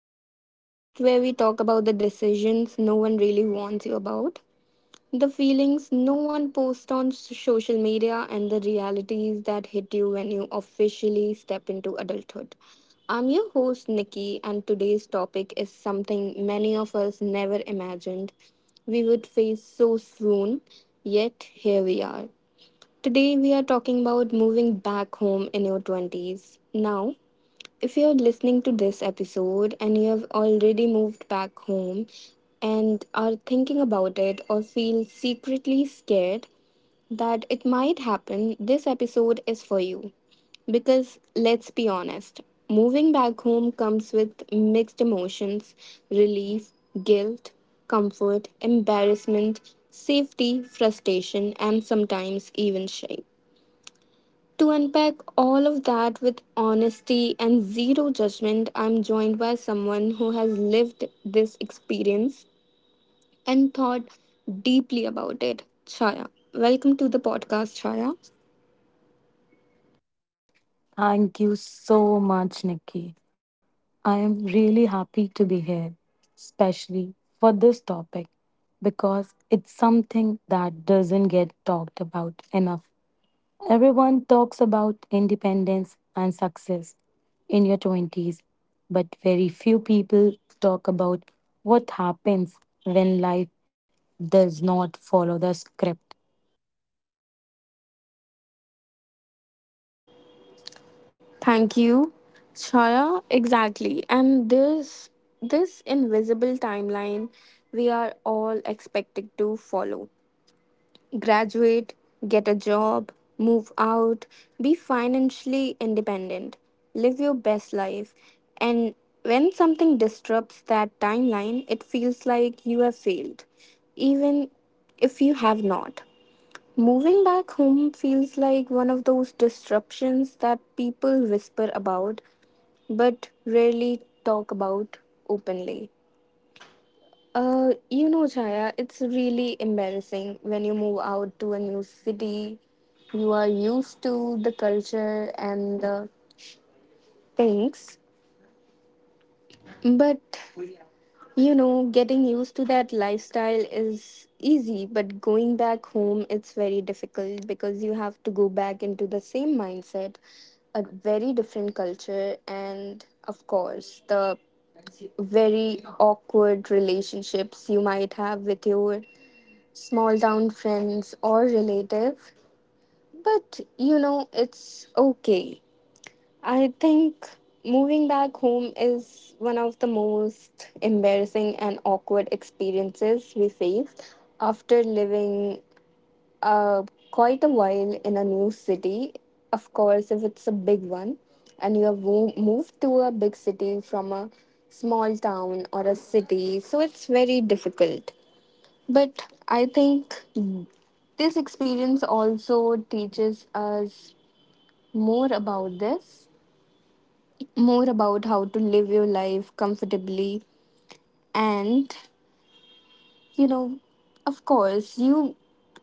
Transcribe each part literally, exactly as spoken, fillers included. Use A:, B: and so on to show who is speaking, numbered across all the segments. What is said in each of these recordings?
A: the podcast where we talk about the decisions no one really warns you about, the feelings no one posts on s- social media, and the realities that hit you when you officially step into adulthood. I'm your host Nikki, and today's topic is something many of us never imagined we would face so soon, yet here we are. Today, we are talking about moving back home in your twenties. Now, if you're listening to this episode and you have already moved back home and are thinking about it or feel secretly scared that it might happen, this episode is for you. Because let's be honest, moving back home comes with mixed emotions: relief, guilt, comfort, embarrassment, safety, frustration, and sometimes even shame. To unpack all of that with honesty and zero judgment, I'm joined by someone who has lived this experience and thought deeply about it. Chaya, welcome to the podcast, Chaya.
B: Thank you so much, Nikki. I am really happy to be here, especially for this topic, because it's something that doesn't get talked about enough. Everyone talks about independence and success in your twenties, but very few people talk about what happens when life does not follow the script.
A: Thank you. Chaya, exactly. And this this invisible timeline we are all expected to follow: graduate, get a job, move out, be financially independent, live your best life. And when something disrupts that timeline, it feels like you have failed, even if you have not. Moving back home feels like one of those disruptions that people whisper about but rarely talk about openly. Uh, you know, Chaya, it's really embarrassing when you move out to a new city. You are used to the culture and the things. But, you know, getting used to that lifestyle is easy, but going back home, it's very difficult because you have to go back into the same mindset, a very different culture, and of course, the very awkward relationships you might have with your small town friends or relative. But you know, it's okay. I think moving back home is one of the most embarrassing and awkward experiences we face after living uh, quite a while in a new city. Of course, if it's a big one and you have wo- moved to a big city from a small town or a city, so it's very difficult. But I think this experience also teaches us more about this, more about how to live your life comfortably. And, you know, of course, you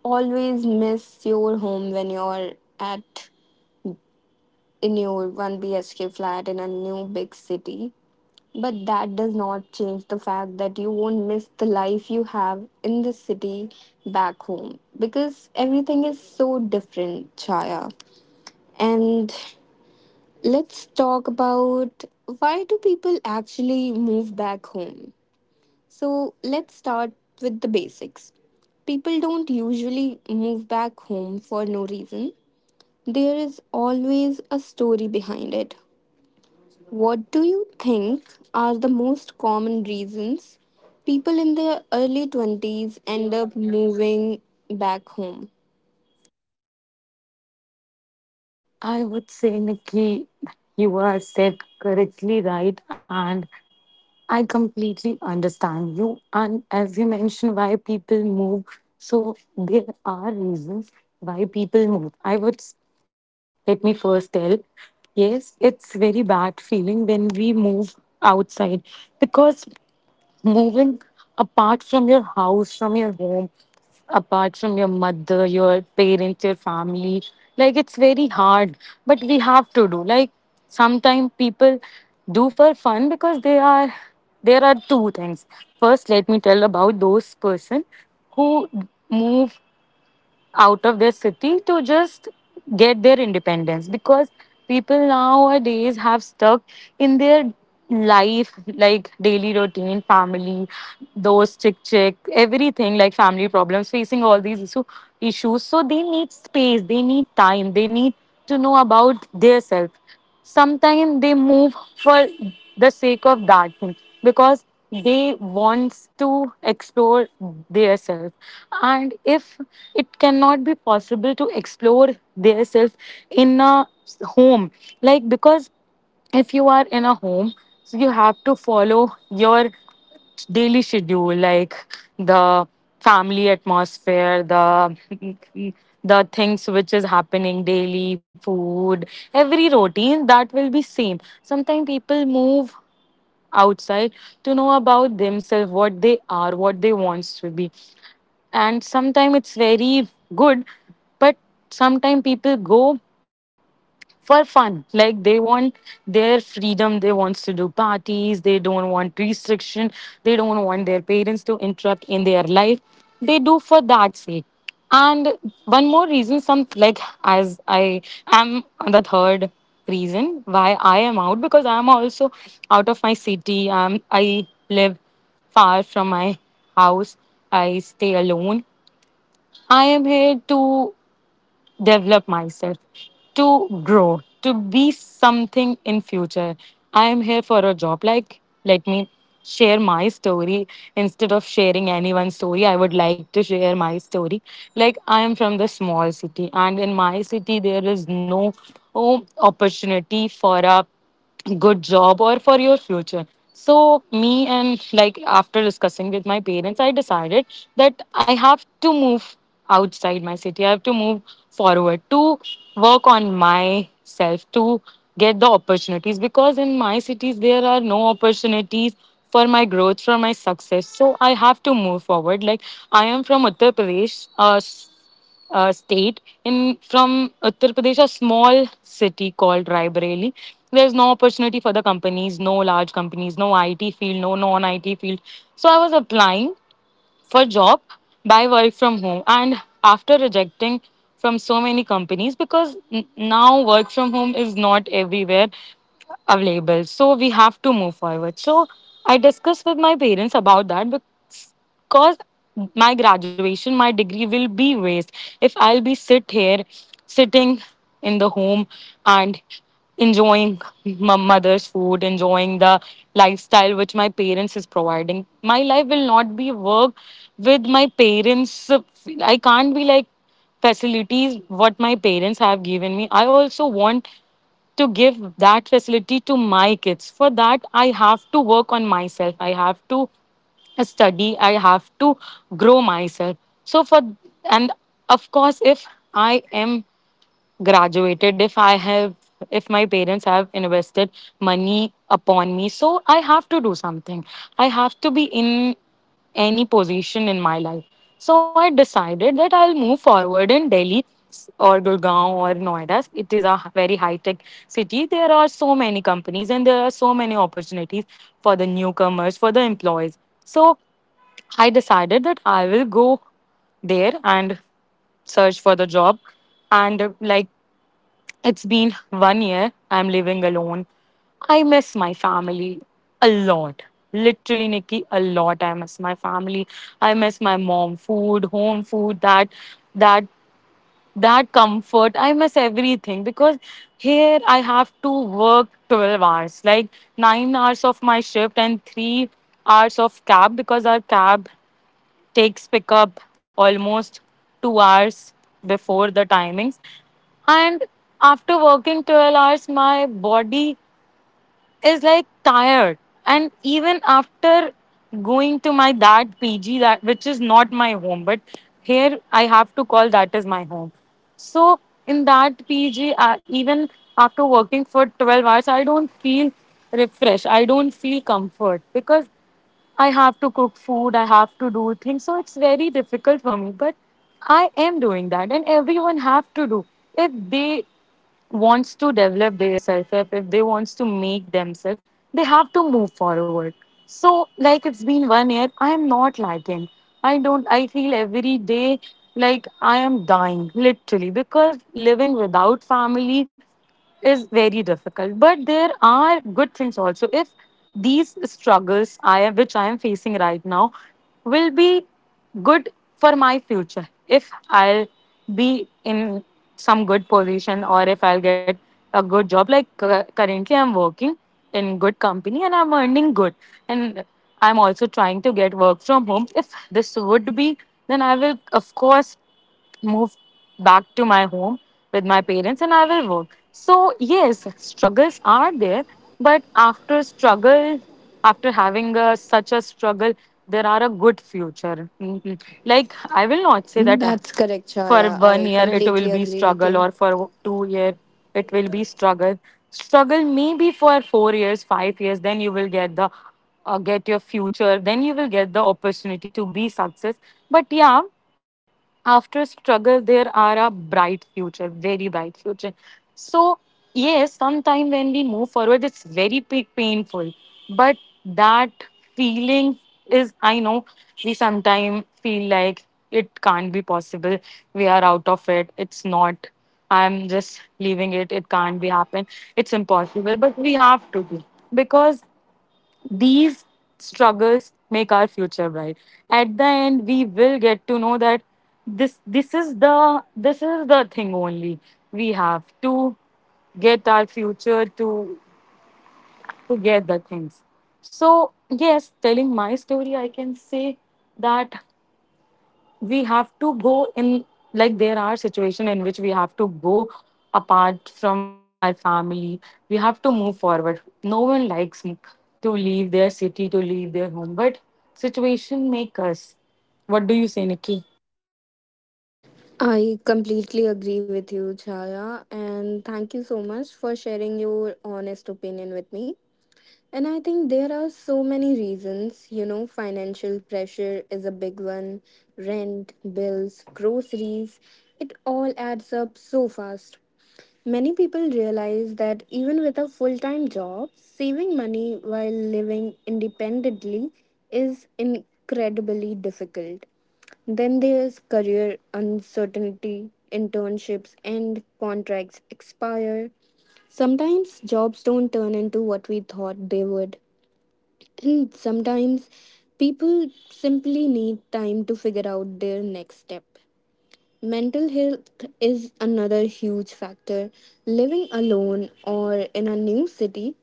A: always miss your home when you're at in your one B H K flat in a new big city. But that does not change the fact that you won't miss the life you have in the city back home because everything is so different, Chaya. And let's talk about why do people actually move back home? So, let's start with the basics. People don't usually move back home for no reason. There is always a story behind it. What do you think are the most common reasons people in their early twenties end up moving back home?
B: I would say, Nikki, you are said correctly right, and I completely understand you. And as you mentioned, why people move. So there are reasons why people move. I would s- let me first tell. Yes, it's very bad feeling when we move outside, because moving apart from your house, from your home, apart from your mother, your parents, your family. Like it's very hard, but we have to do. Like sometimes people do for fun because they are there are two things. First, let me tell about those person who move out of their city to just get their independence, because people nowadays have stuck in their life, like daily routine, family, those chick chick, everything, like family problems, facing all these issue, issues, so they need space, they need time, they need to know about their self. Sometimes they move for the sake of that thing, because they wants to explore their self. And if it cannot be possible to explore their self in a home, like because if you are in a home, so you have to follow your daily schedule, like the family atmosphere, the the things which is happening daily, food, every routine that will be same. Sometimes people move outside to know about themselves, what they are, what they wants to be. And sometimes it's very good, but sometimes people go for fun, like they want their freedom, they wants to do parties, they don't want restriction, they don't want their parents to interrupt in their life. They do for that sake. And one more reason, some, like as I am, the third reason why I am out, because I am also out of my city. um, I live far from my house, I stay alone. I am here to develop myself, to grow, to be something in future. I am here for a job. Like, let me share my story instead of sharing anyone's story. I would like to share my story. Like, I am from the small city, and in my city, there is no oh, opportunity for a good job or for your future. So me, and like after discussing with my parents, I decided that I have to move outside my city, I have to move forward, to work on myself, to get the opportunities, because in my cities there are no opportunities for my growth, for my success. So I have to move forward. Like, I am from Uttar Pradesh, uh, uh, state in from Uttar Pradesh, a small city called Raebareli. There's no opportunity for the companies, no large companies, no I T field, no non-I T field. So I was applying for job by work from home, and after rejecting from so many companies, because n- now work from home is not everywhere available, so we have to move forward. So I discussed with my parents about that, because my graduation, my degree will be waste if I'll be sit here sitting in the home and enjoying my mother's food, enjoying the lifestyle which my parents is providing. My life will not be work. With my parents I can't be like, facilities what my parents have given me, I also want to give that facility to my kids. For that I have to work on myself, I have to study, I have to grow myself. So, for, and of course, if I am graduated, if i have if my parents have invested money upon me, so I have to do something, I have to be in any position in my life. So I decided that I'll move forward in Delhi or Gurgaon or Noida. It is a very high tech city, there are so many companies and there are so many opportunities for the newcomers, for the employees. So I decided that I will go there and search for the job. And uh, like it's been one year. I'm living alone. I miss my family a lot. Literally, Nikki, a lot. I miss my family. I miss my mom, food, home food, that, that, that comfort. I miss everything, because here I have to work twelve hours, like nine hours of my shift and three hours of cab, because our cab takes pick up almost two hours before the timings. And after working twelve hours, my body is like tired. And even after going to my that P G, that which is not my home, but here I have to call that is my home. So in that P G, uh, even after working for twelve hours, I don't feel refreshed. I don't feel comfort, because I have to cook food, I have to do things. So it's very difficult for me. But I am doing that, and everyone have to do. If they wants to develop their self, if, if they wants to make themselves, they have to move forward. So like it's been one year, I am not lagging. I don't I feel every day like I am dying, literally, because living without family is very difficult. But there are good things also, if these struggles I am which I am facing right now will be good for my future, if I'll be in some good position, or if I'll get a good job. Like, cu- currently I'm working in good company, and I'm earning good. And I'm also trying to get work from home. If this would be, then I will of course move back to my home with my parents, and I will work. So, yes, struggles are there, but after struggle, after having a, such a struggle, there are a good future. Mhm. Like, I will not say that, uh,
A: That's correct,
B: for
A: Chaya.
B: one
A: I
B: year it will
A: completely
B: be
A: agree with
B: struggle,
A: you.
B: or for two year it will be struggle. Struggle maybe for four years, five years, then you will get the uh, get your future, then you will get the opportunity to be success. But yeah, after struggle there are a bright future, very bright future. So yes, sometime when we move forward it's very p- painful. But that feeling is, I know, we sometimes feel like it can't be possible, we are out of it, it's not, I'm just leaving it, it can't be happen, it's impossible. But we have to be, because these struggles make our future bright. At the end, we will get to know that this this is the this is the thing only, we have to get our future, to to get the things. So yes, telling my story, I can say that we have to go in, like there are situations in which we have to go apart from our family, we have to move forward, no one likes m- to leave their city, to leave their home, but situation make us. What do you say, Nikki?
A: I completely agree with you, Chaya, and thank you so much for sharing your honest opinion with me. And I think there are so many reasons. You know, financial pressure is a big one: rent, bills, groceries. It all adds up so fast. Many people realize that even with a full time job, saving money while living independently is incredibly difficult. Then there's career uncertainty. Internships and contracts expire. Sometimes jobs don't turn into what we thought they would, and sometimes people simply need time to figure out their next step. Mental health is another huge factor. Living alone or in a new city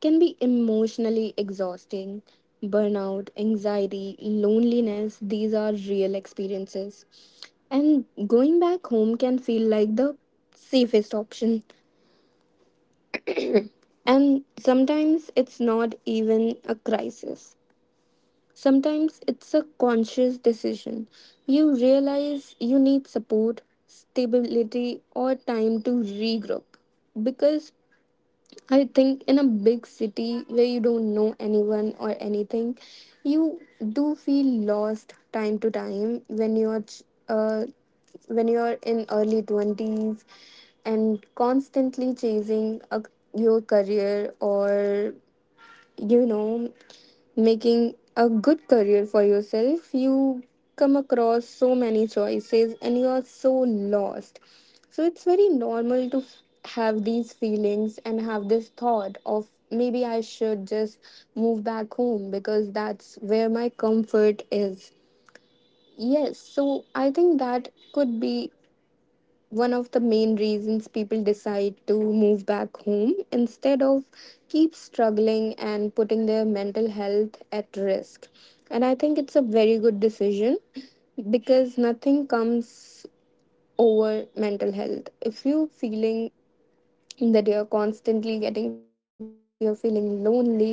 A: can be emotionally exhausting. Burnout, anxiety, loneliness, these are real experiences. And going back home can feel like the safest option. And sometimes it's not even a crisis. Sometimes it's a conscious decision. You realize you need support, stability, or time to regroup. Because I think in a big city where you don't know anyone or anything, you do feel lost time to time when you're ch- uh, when you're in early twenties and constantly chasing a, your career or you know making a good career for yourself, you come across so many choices and you are so lost. So it's very normal to f- have these feelings and have this thought of maybe I should just move back home because that's where my comfort is. Yes, so I think that could be one of the main reasons people decide to move back home instead of keep struggling and putting their mental health at risk. And I think it's a very good decision, because nothing comes over mental health. If you are feeling that you're constantly getting panic attacks, you're feeling lonely,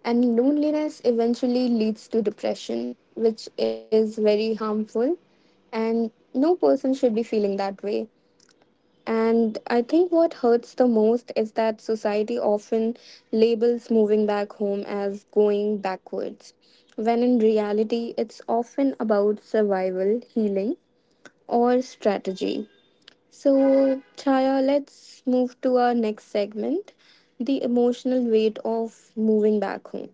A: and loneliness eventually leads to depression, which is very harmful. And no person should be feeling that way. And I think what hurts the most is that society often labels moving back home as going backwards, when in reality, it's often about survival, healing, or strategy. So, Chaya, let's move to our next segment: the emotional weight of moving back home.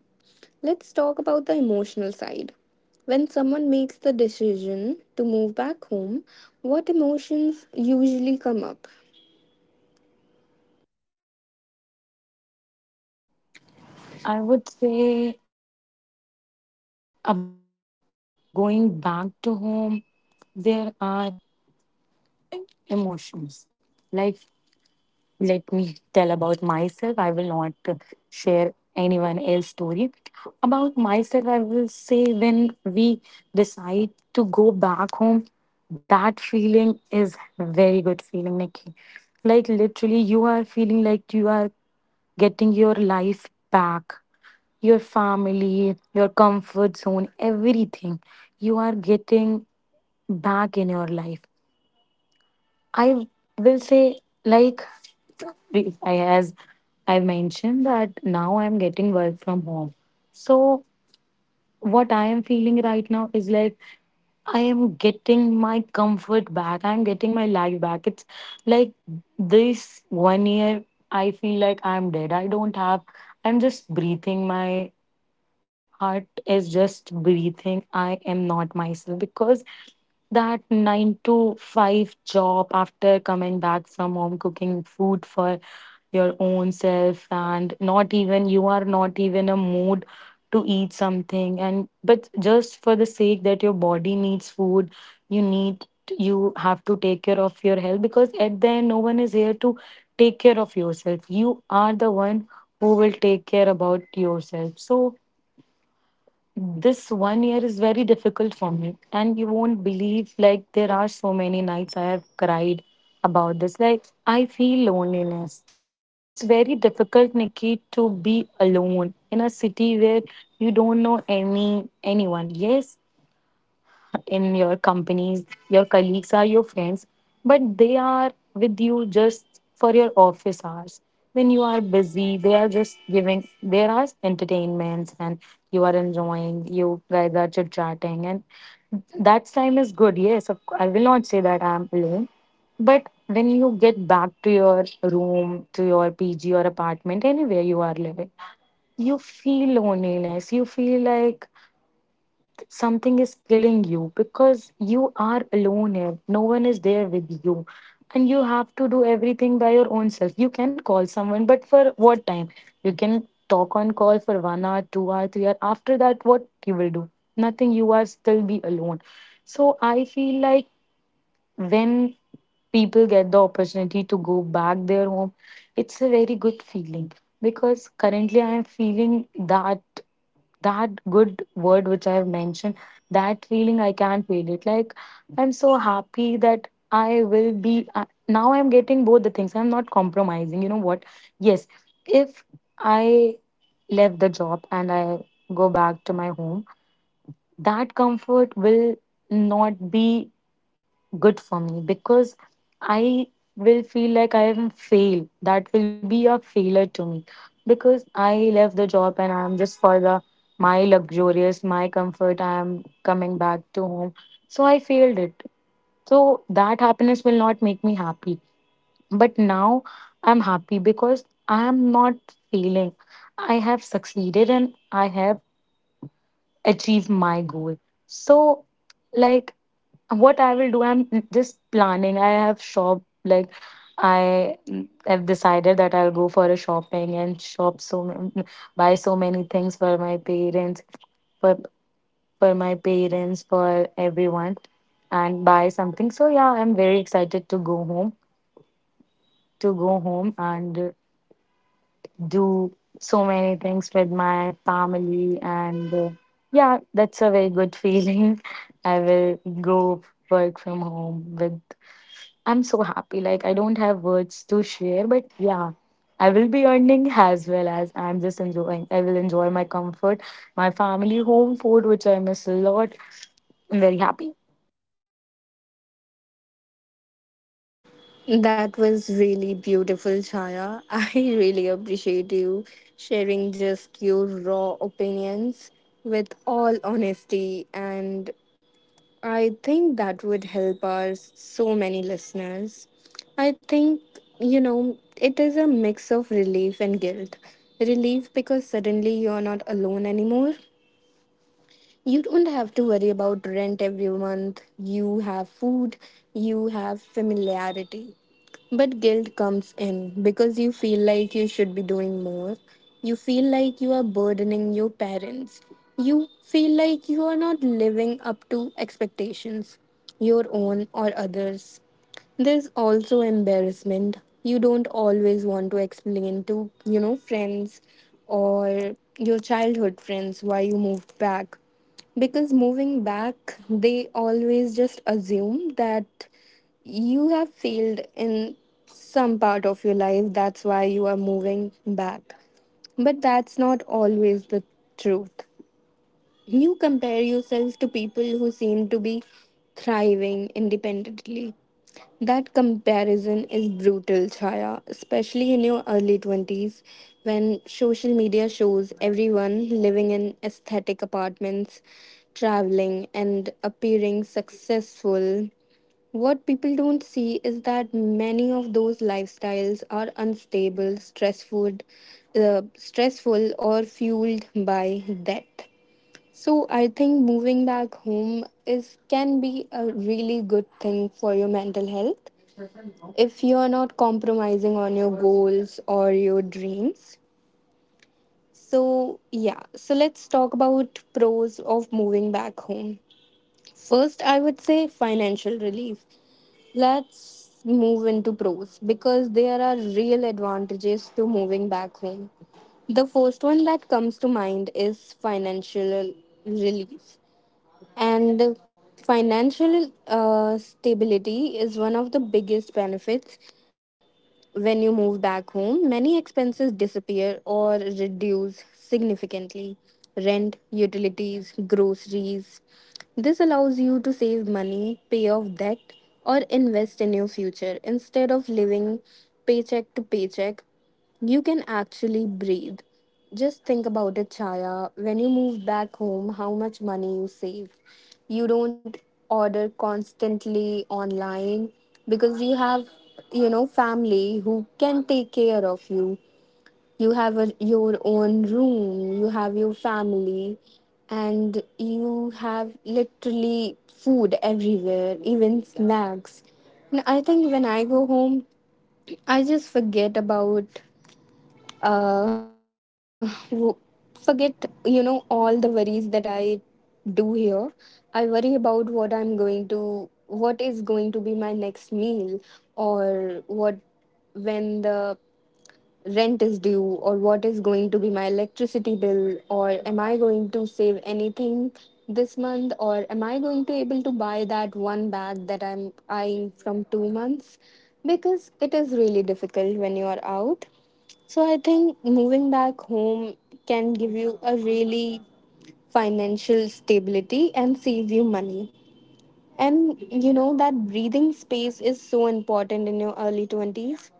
A: Let's talk about the emotional side. When someone makes the decision to move back home, what emotions usually come up?
B: I would say about going back to home, there are emotions, like let me tell about myself. I will not share anyone else's story. About myself, I will say, when we decide to go back home, that feeling is very good feeling, Nikki. Like literally, you are feeling like you are getting your life back, your family, your comfort zone, everything. You are getting back in your life. I will say, like, we- I- as I mentioned that now I'm getting work from home. So what I am feeling right now is like I am getting my comfort back. I'm getting my life back. It's like this one year I feel like I'm dead. I don't have I'm just breathing. My heart is just breathing. I am not myself, because that nine to five job, after coming back from home, cooking food for your own self, and not even you are not even a mood to eat something, and but just for the sake that your body needs food, you need you have to take care of your health, because at the end no one is here to take care of yourself. You are the one who will take care about yourself. So this one year is very difficult for me, and you won't believe, like there are so many nights I have cried about this, like I feel loneliness. It's very difficult, Nikki, to be alone in a city where you don't know any anyone. Yes, in your companies, your colleagues are your friends, but they are with you just for your office hours. When you are busy, they are just giving, there are entertainments, and you are enjoying, you guys are chit chatting, and that time is good. Yes, of cou- I will not say that I'm alone, but when you get back to your room, to your P G or apartment, anywhere you are living, you feel loneliness. You feel like something is killing you because you are alone here. No one is there with you. And you have to do everything by your own self. You can call someone, but for what time? You can talk on call for one hour, two hour, three hour. After that, what you will do? Nothing. You are still be alone. So I feel like when people get the opportunity to go back their home, it's a very good feeling because currently I am feeling that that good word which I have mentioned, that feeling I can't feel it. Like I'm so happy that I will be uh, now. I'm getting both the things. I'm not compromising. You know what? Yes, if I left the job and I go back to my home, that comfort will not be good for me because I will feel like I am fail. That will be a failure to me because I left the job and I am just for the my luxurious, my comfort. I am coming back to home, so I failed it. So that happiness will not make me happy. But now I'm happy because I am not failing. I have succeeded and I have achieved my goal. So like what I will do, I'm just planning. I have shop like I have decided that I'll go for a shopping and shop so ma- buy so many things for my parents, for for my parents, for everyone, and buy something. So yeah, I'm very excited to go home, to go home and do so many things with my family and uh, yeah, that's a very good feeling. I will go work from home with I'm so happy. Like I don't have words to share, but yeah, I will be earning as well as I'm just enjoying. I will enjoy my comfort, my family, home food, which I miss a lot. I'm very happy.
A: That was really beautiful, Chaya. I really appreciate you sharing just your raw opinions with all honesty. And I think that would help our so many listeners. I think, you know, it is a mix of relief and guilt. Relief because suddenly you're not alone anymore. You don't have to worry about rent every month. You have food, you have familiarity, but guilt comes in because you feel like you should be doing more. You feel like you are burdening your parents. You feel like you are not living up to expectations, your own or others. There's also embarrassment. You don't always want to explain to, you know, friends or your childhood friends why you moved back, because moving back they always just assume that you have failed in some part of your life, that's why you are moving back, but that's not always the truth. You compare yourself to people who seem to be thriving independently. That comparison is brutal, Chaya, especially in your early twenties when social media shows everyone living in aesthetic apartments, traveling, and appearing successful. What people don't see is that many of those lifestyles are unstable, stressful, uh, stressful or fueled by debt. So I think moving back home is can be a really good thing for your mental health if you're not compromising on your goals or your dreams. So yeah, so let's talk about pros of moving back home. First, I would say financial relief. Let's move into pros because there are real advantages to moving back home. The first one that comes to mind is financial relief. And financial uh, stability is one of the biggest benefits when you move back home. Many expenses disappear or reduce significantly: rent, utilities, groceries. This allows you to save money, pay off debt, or invest in your future instead of living paycheck to paycheck. You can actually breathe. Just think about it, Chaya. When you move back home, how much money you save. You don't order constantly online because you have, you know, family who can take care of you. You have a, your own room, you have your family, and you have literally food everywhere, even snacks. And I think when I go home, I just forget about uh, w- forget you know all the worries that I do here. I worry about what i'm going to what is going to be my next meal, or what when the rent is due, or what is going to be my electricity bill, or am I going to save anything this month, or am I going to able to buy that one bag that I'm eyeing from two months, because it is really difficult when you are out. So I think moving back home can give you a really financial stability and save you money. And you know that breathing space is so important in your early twenties.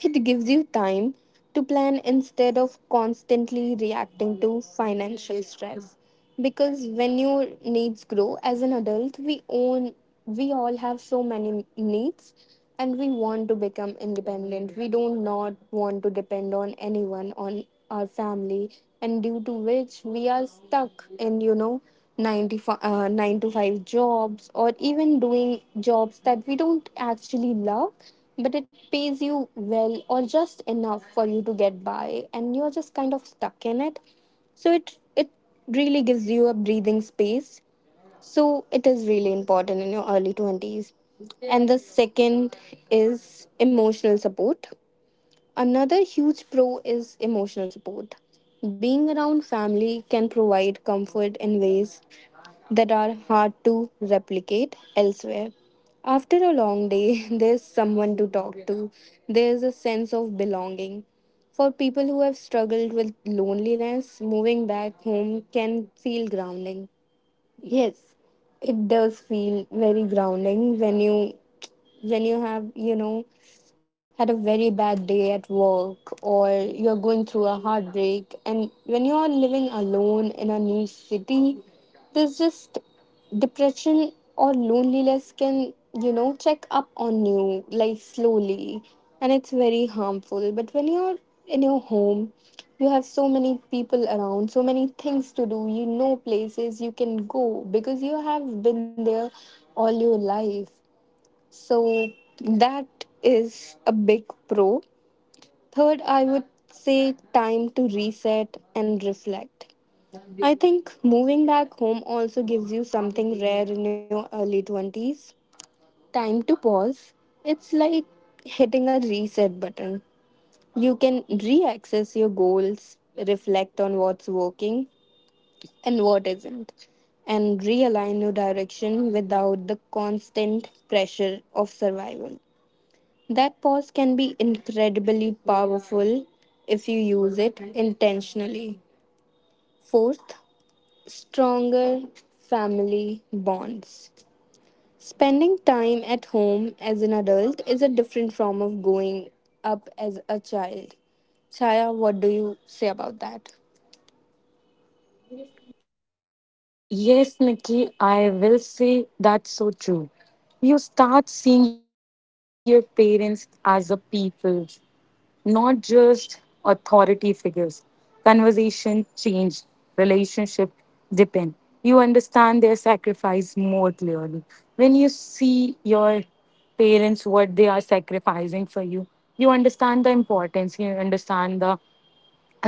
A: It gives you time to plan instead of constantly reacting to financial stress. Because when your needs grow as an adult, we own we all have so many needs and we want to become independent. We do not want to depend on anyone, on our family, and due to which we are stuck in, you know, ninety five, uh, nine to five jobs, or even doing jobs that we don't actually love but it pays you well or just enough for you to get by and you're just kind of stuck in it. So it it really gives you a breathing space, so it is really important in your early twenties. And the second is emotional support. Another huge pro is emotional support. Being around family can provide comfort in ways that are hard to replicate elsewhere. After a long day, there's someone to talk to, there's a sense of belonging. For people who have struggled with loneliness, moving back home can feel grounding. Yes, it does feel very grounding when you, when you have you know had a very bad day at work, or you're going through a heartbreak, and when you're living alone in a new city, there's just depression or loneliness can, you know, check up on you like slowly, and it's very harmful. But when you're in your home, you have so many people around, so many things to do, you know, places you can go because you have been there all your life. So that is a big pro. Third, I would say time to reset and reflect. I think moving back home also gives you something rare in your early twenties: time to pause. It's like hitting a reset button. You can re access your goals, reflect on what's working and what isn't, and realign your direction without the constant pressure of survival. That pause can be incredibly powerful if you use it intentionally. Fourth, stronger family bonds. Spending time at home as an adult is a different form of going up as a child. Chaya, what do you say about that?
B: Yes, Nikki, I will say that's so true. You start seeing your parents as a people not just authority figures. Conversation change, relationship depend. You understand their sacrifice more clearly. When you see your parents what they are sacrificing for you, you understand the importance, you understand the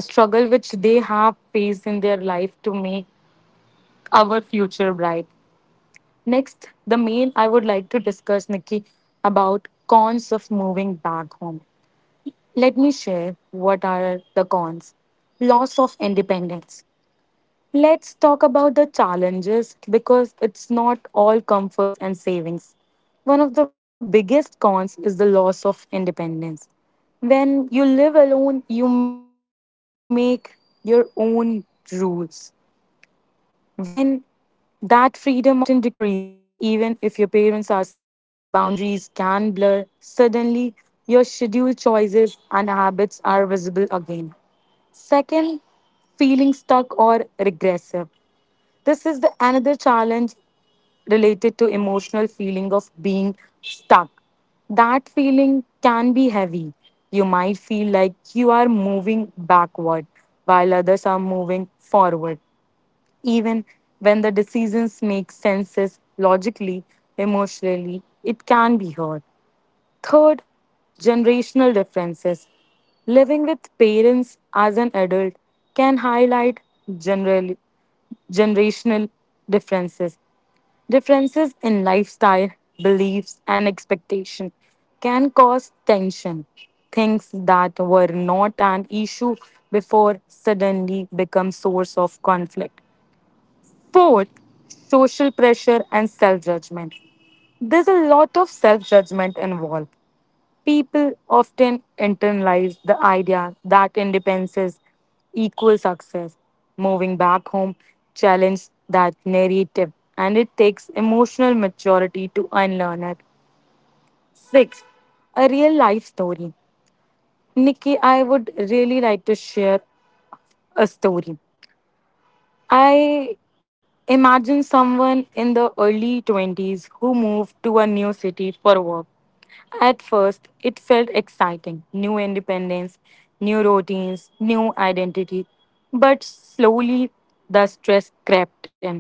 B: struggle which they have faced in their life to make our future bright. Next, the main I would like to discuss, Nikki, about cons of moving back home. Let me share what are the cons. Loss of independence. Let's talk about the challenges because it's not all comforts and savings. One of the biggest cons is the loss of independence. When you live alone, you make your own rules when that freedom often decreases. Even if your parents are supportive, boundaries can blur. Suddenly, your schedule choices and habits are visible again. Second, feeling stuck or regressive. This is the another challenge related to emotional feeling of being stuck. That feeling can be heavy. You might feel like you are moving backward while others are moving forward. Even when the decisions make senses logically, emotionally, it can be hard. Third, generational differences. Living with parents as an adult can highlight generally generational differences. Differences in lifestyle, beliefs, and expectation can cause tension. Things that were not an issue before suddenly become source of conflict. Fourth, social pressure and self judgment. There's a lot of self judgment involved. People often internalize the idea that independence equals success. Moving back home challenges that narrative, and it takes emotional maturity to unlearn it. Six, a real life story. Nikki, I would really like to share a story. I imagine someone in the early twenties who moved to a new city for work. At first, it felt exciting new independence, new routines, new identity. But slowly, the stress crept in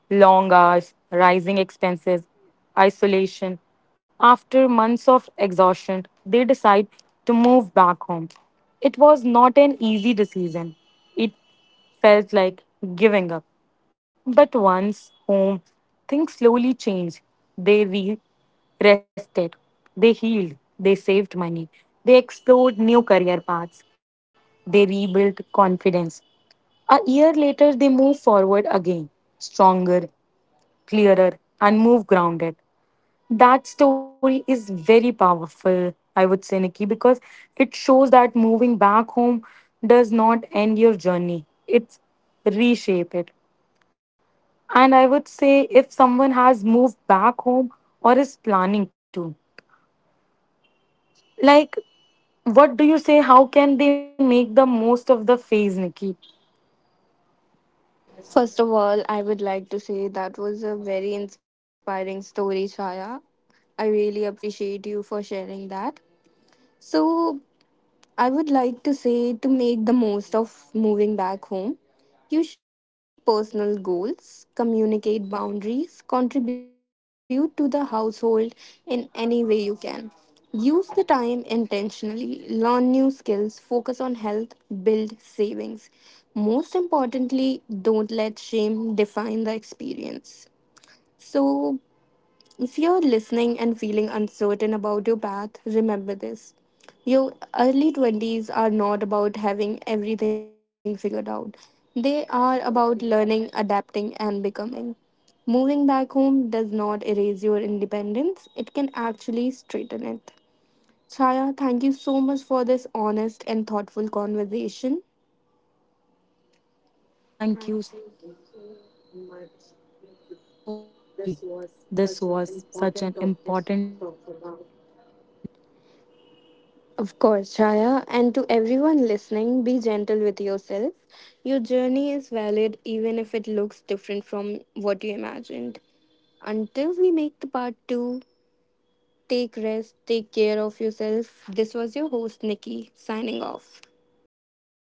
B: long hours, rising expenses, isolation. After months of exhaustion, they decide to move back home. It was not an easy decision. It felt like giving up. But once home, things slowly changed. They re- rested, they healed, they saved money, they explored new career paths, they rebuilt confidence. A year later, they moved forward again, stronger, clearer, and move grounded. That story is very powerful, I would say, Nikki, because it shows that moving back home does not end your journey, it's reshape it. And I would say if someone has moved back home or is planning to, like, what do you say? How can they make the most of the phase, Nikki?
A: First of all, I would like to say that was a very inspiring story, Chaya. I really appreciate you for sharing that. So, I would like to say to make the most of moving back home. You should set personal goals, communicate boundaries, contribute to the household in any way you can. Use the time intentionally, learn new skills, focus on health, build savings. Most importantly, don't let shame define the experience. So, if you're listening and feeling uncertain about your path, remember this. Your early twenties are not about having everything figured out. They are about learning, adapting, and becoming. Moving back home does not erase your independence, it can actually straighten it. Chaya, thank you so much for this honest and thoughtful conversation.
B: Thank you so much, Nikki. This was such an important topic to talk about.
A: Of course, Chaya, and to everyone listening, be gentle with yourself. Your journey is valid even if it looks different from what you imagined. Until we make the part two, take rest, take care of yourself. This was your host, Nikki, signing off.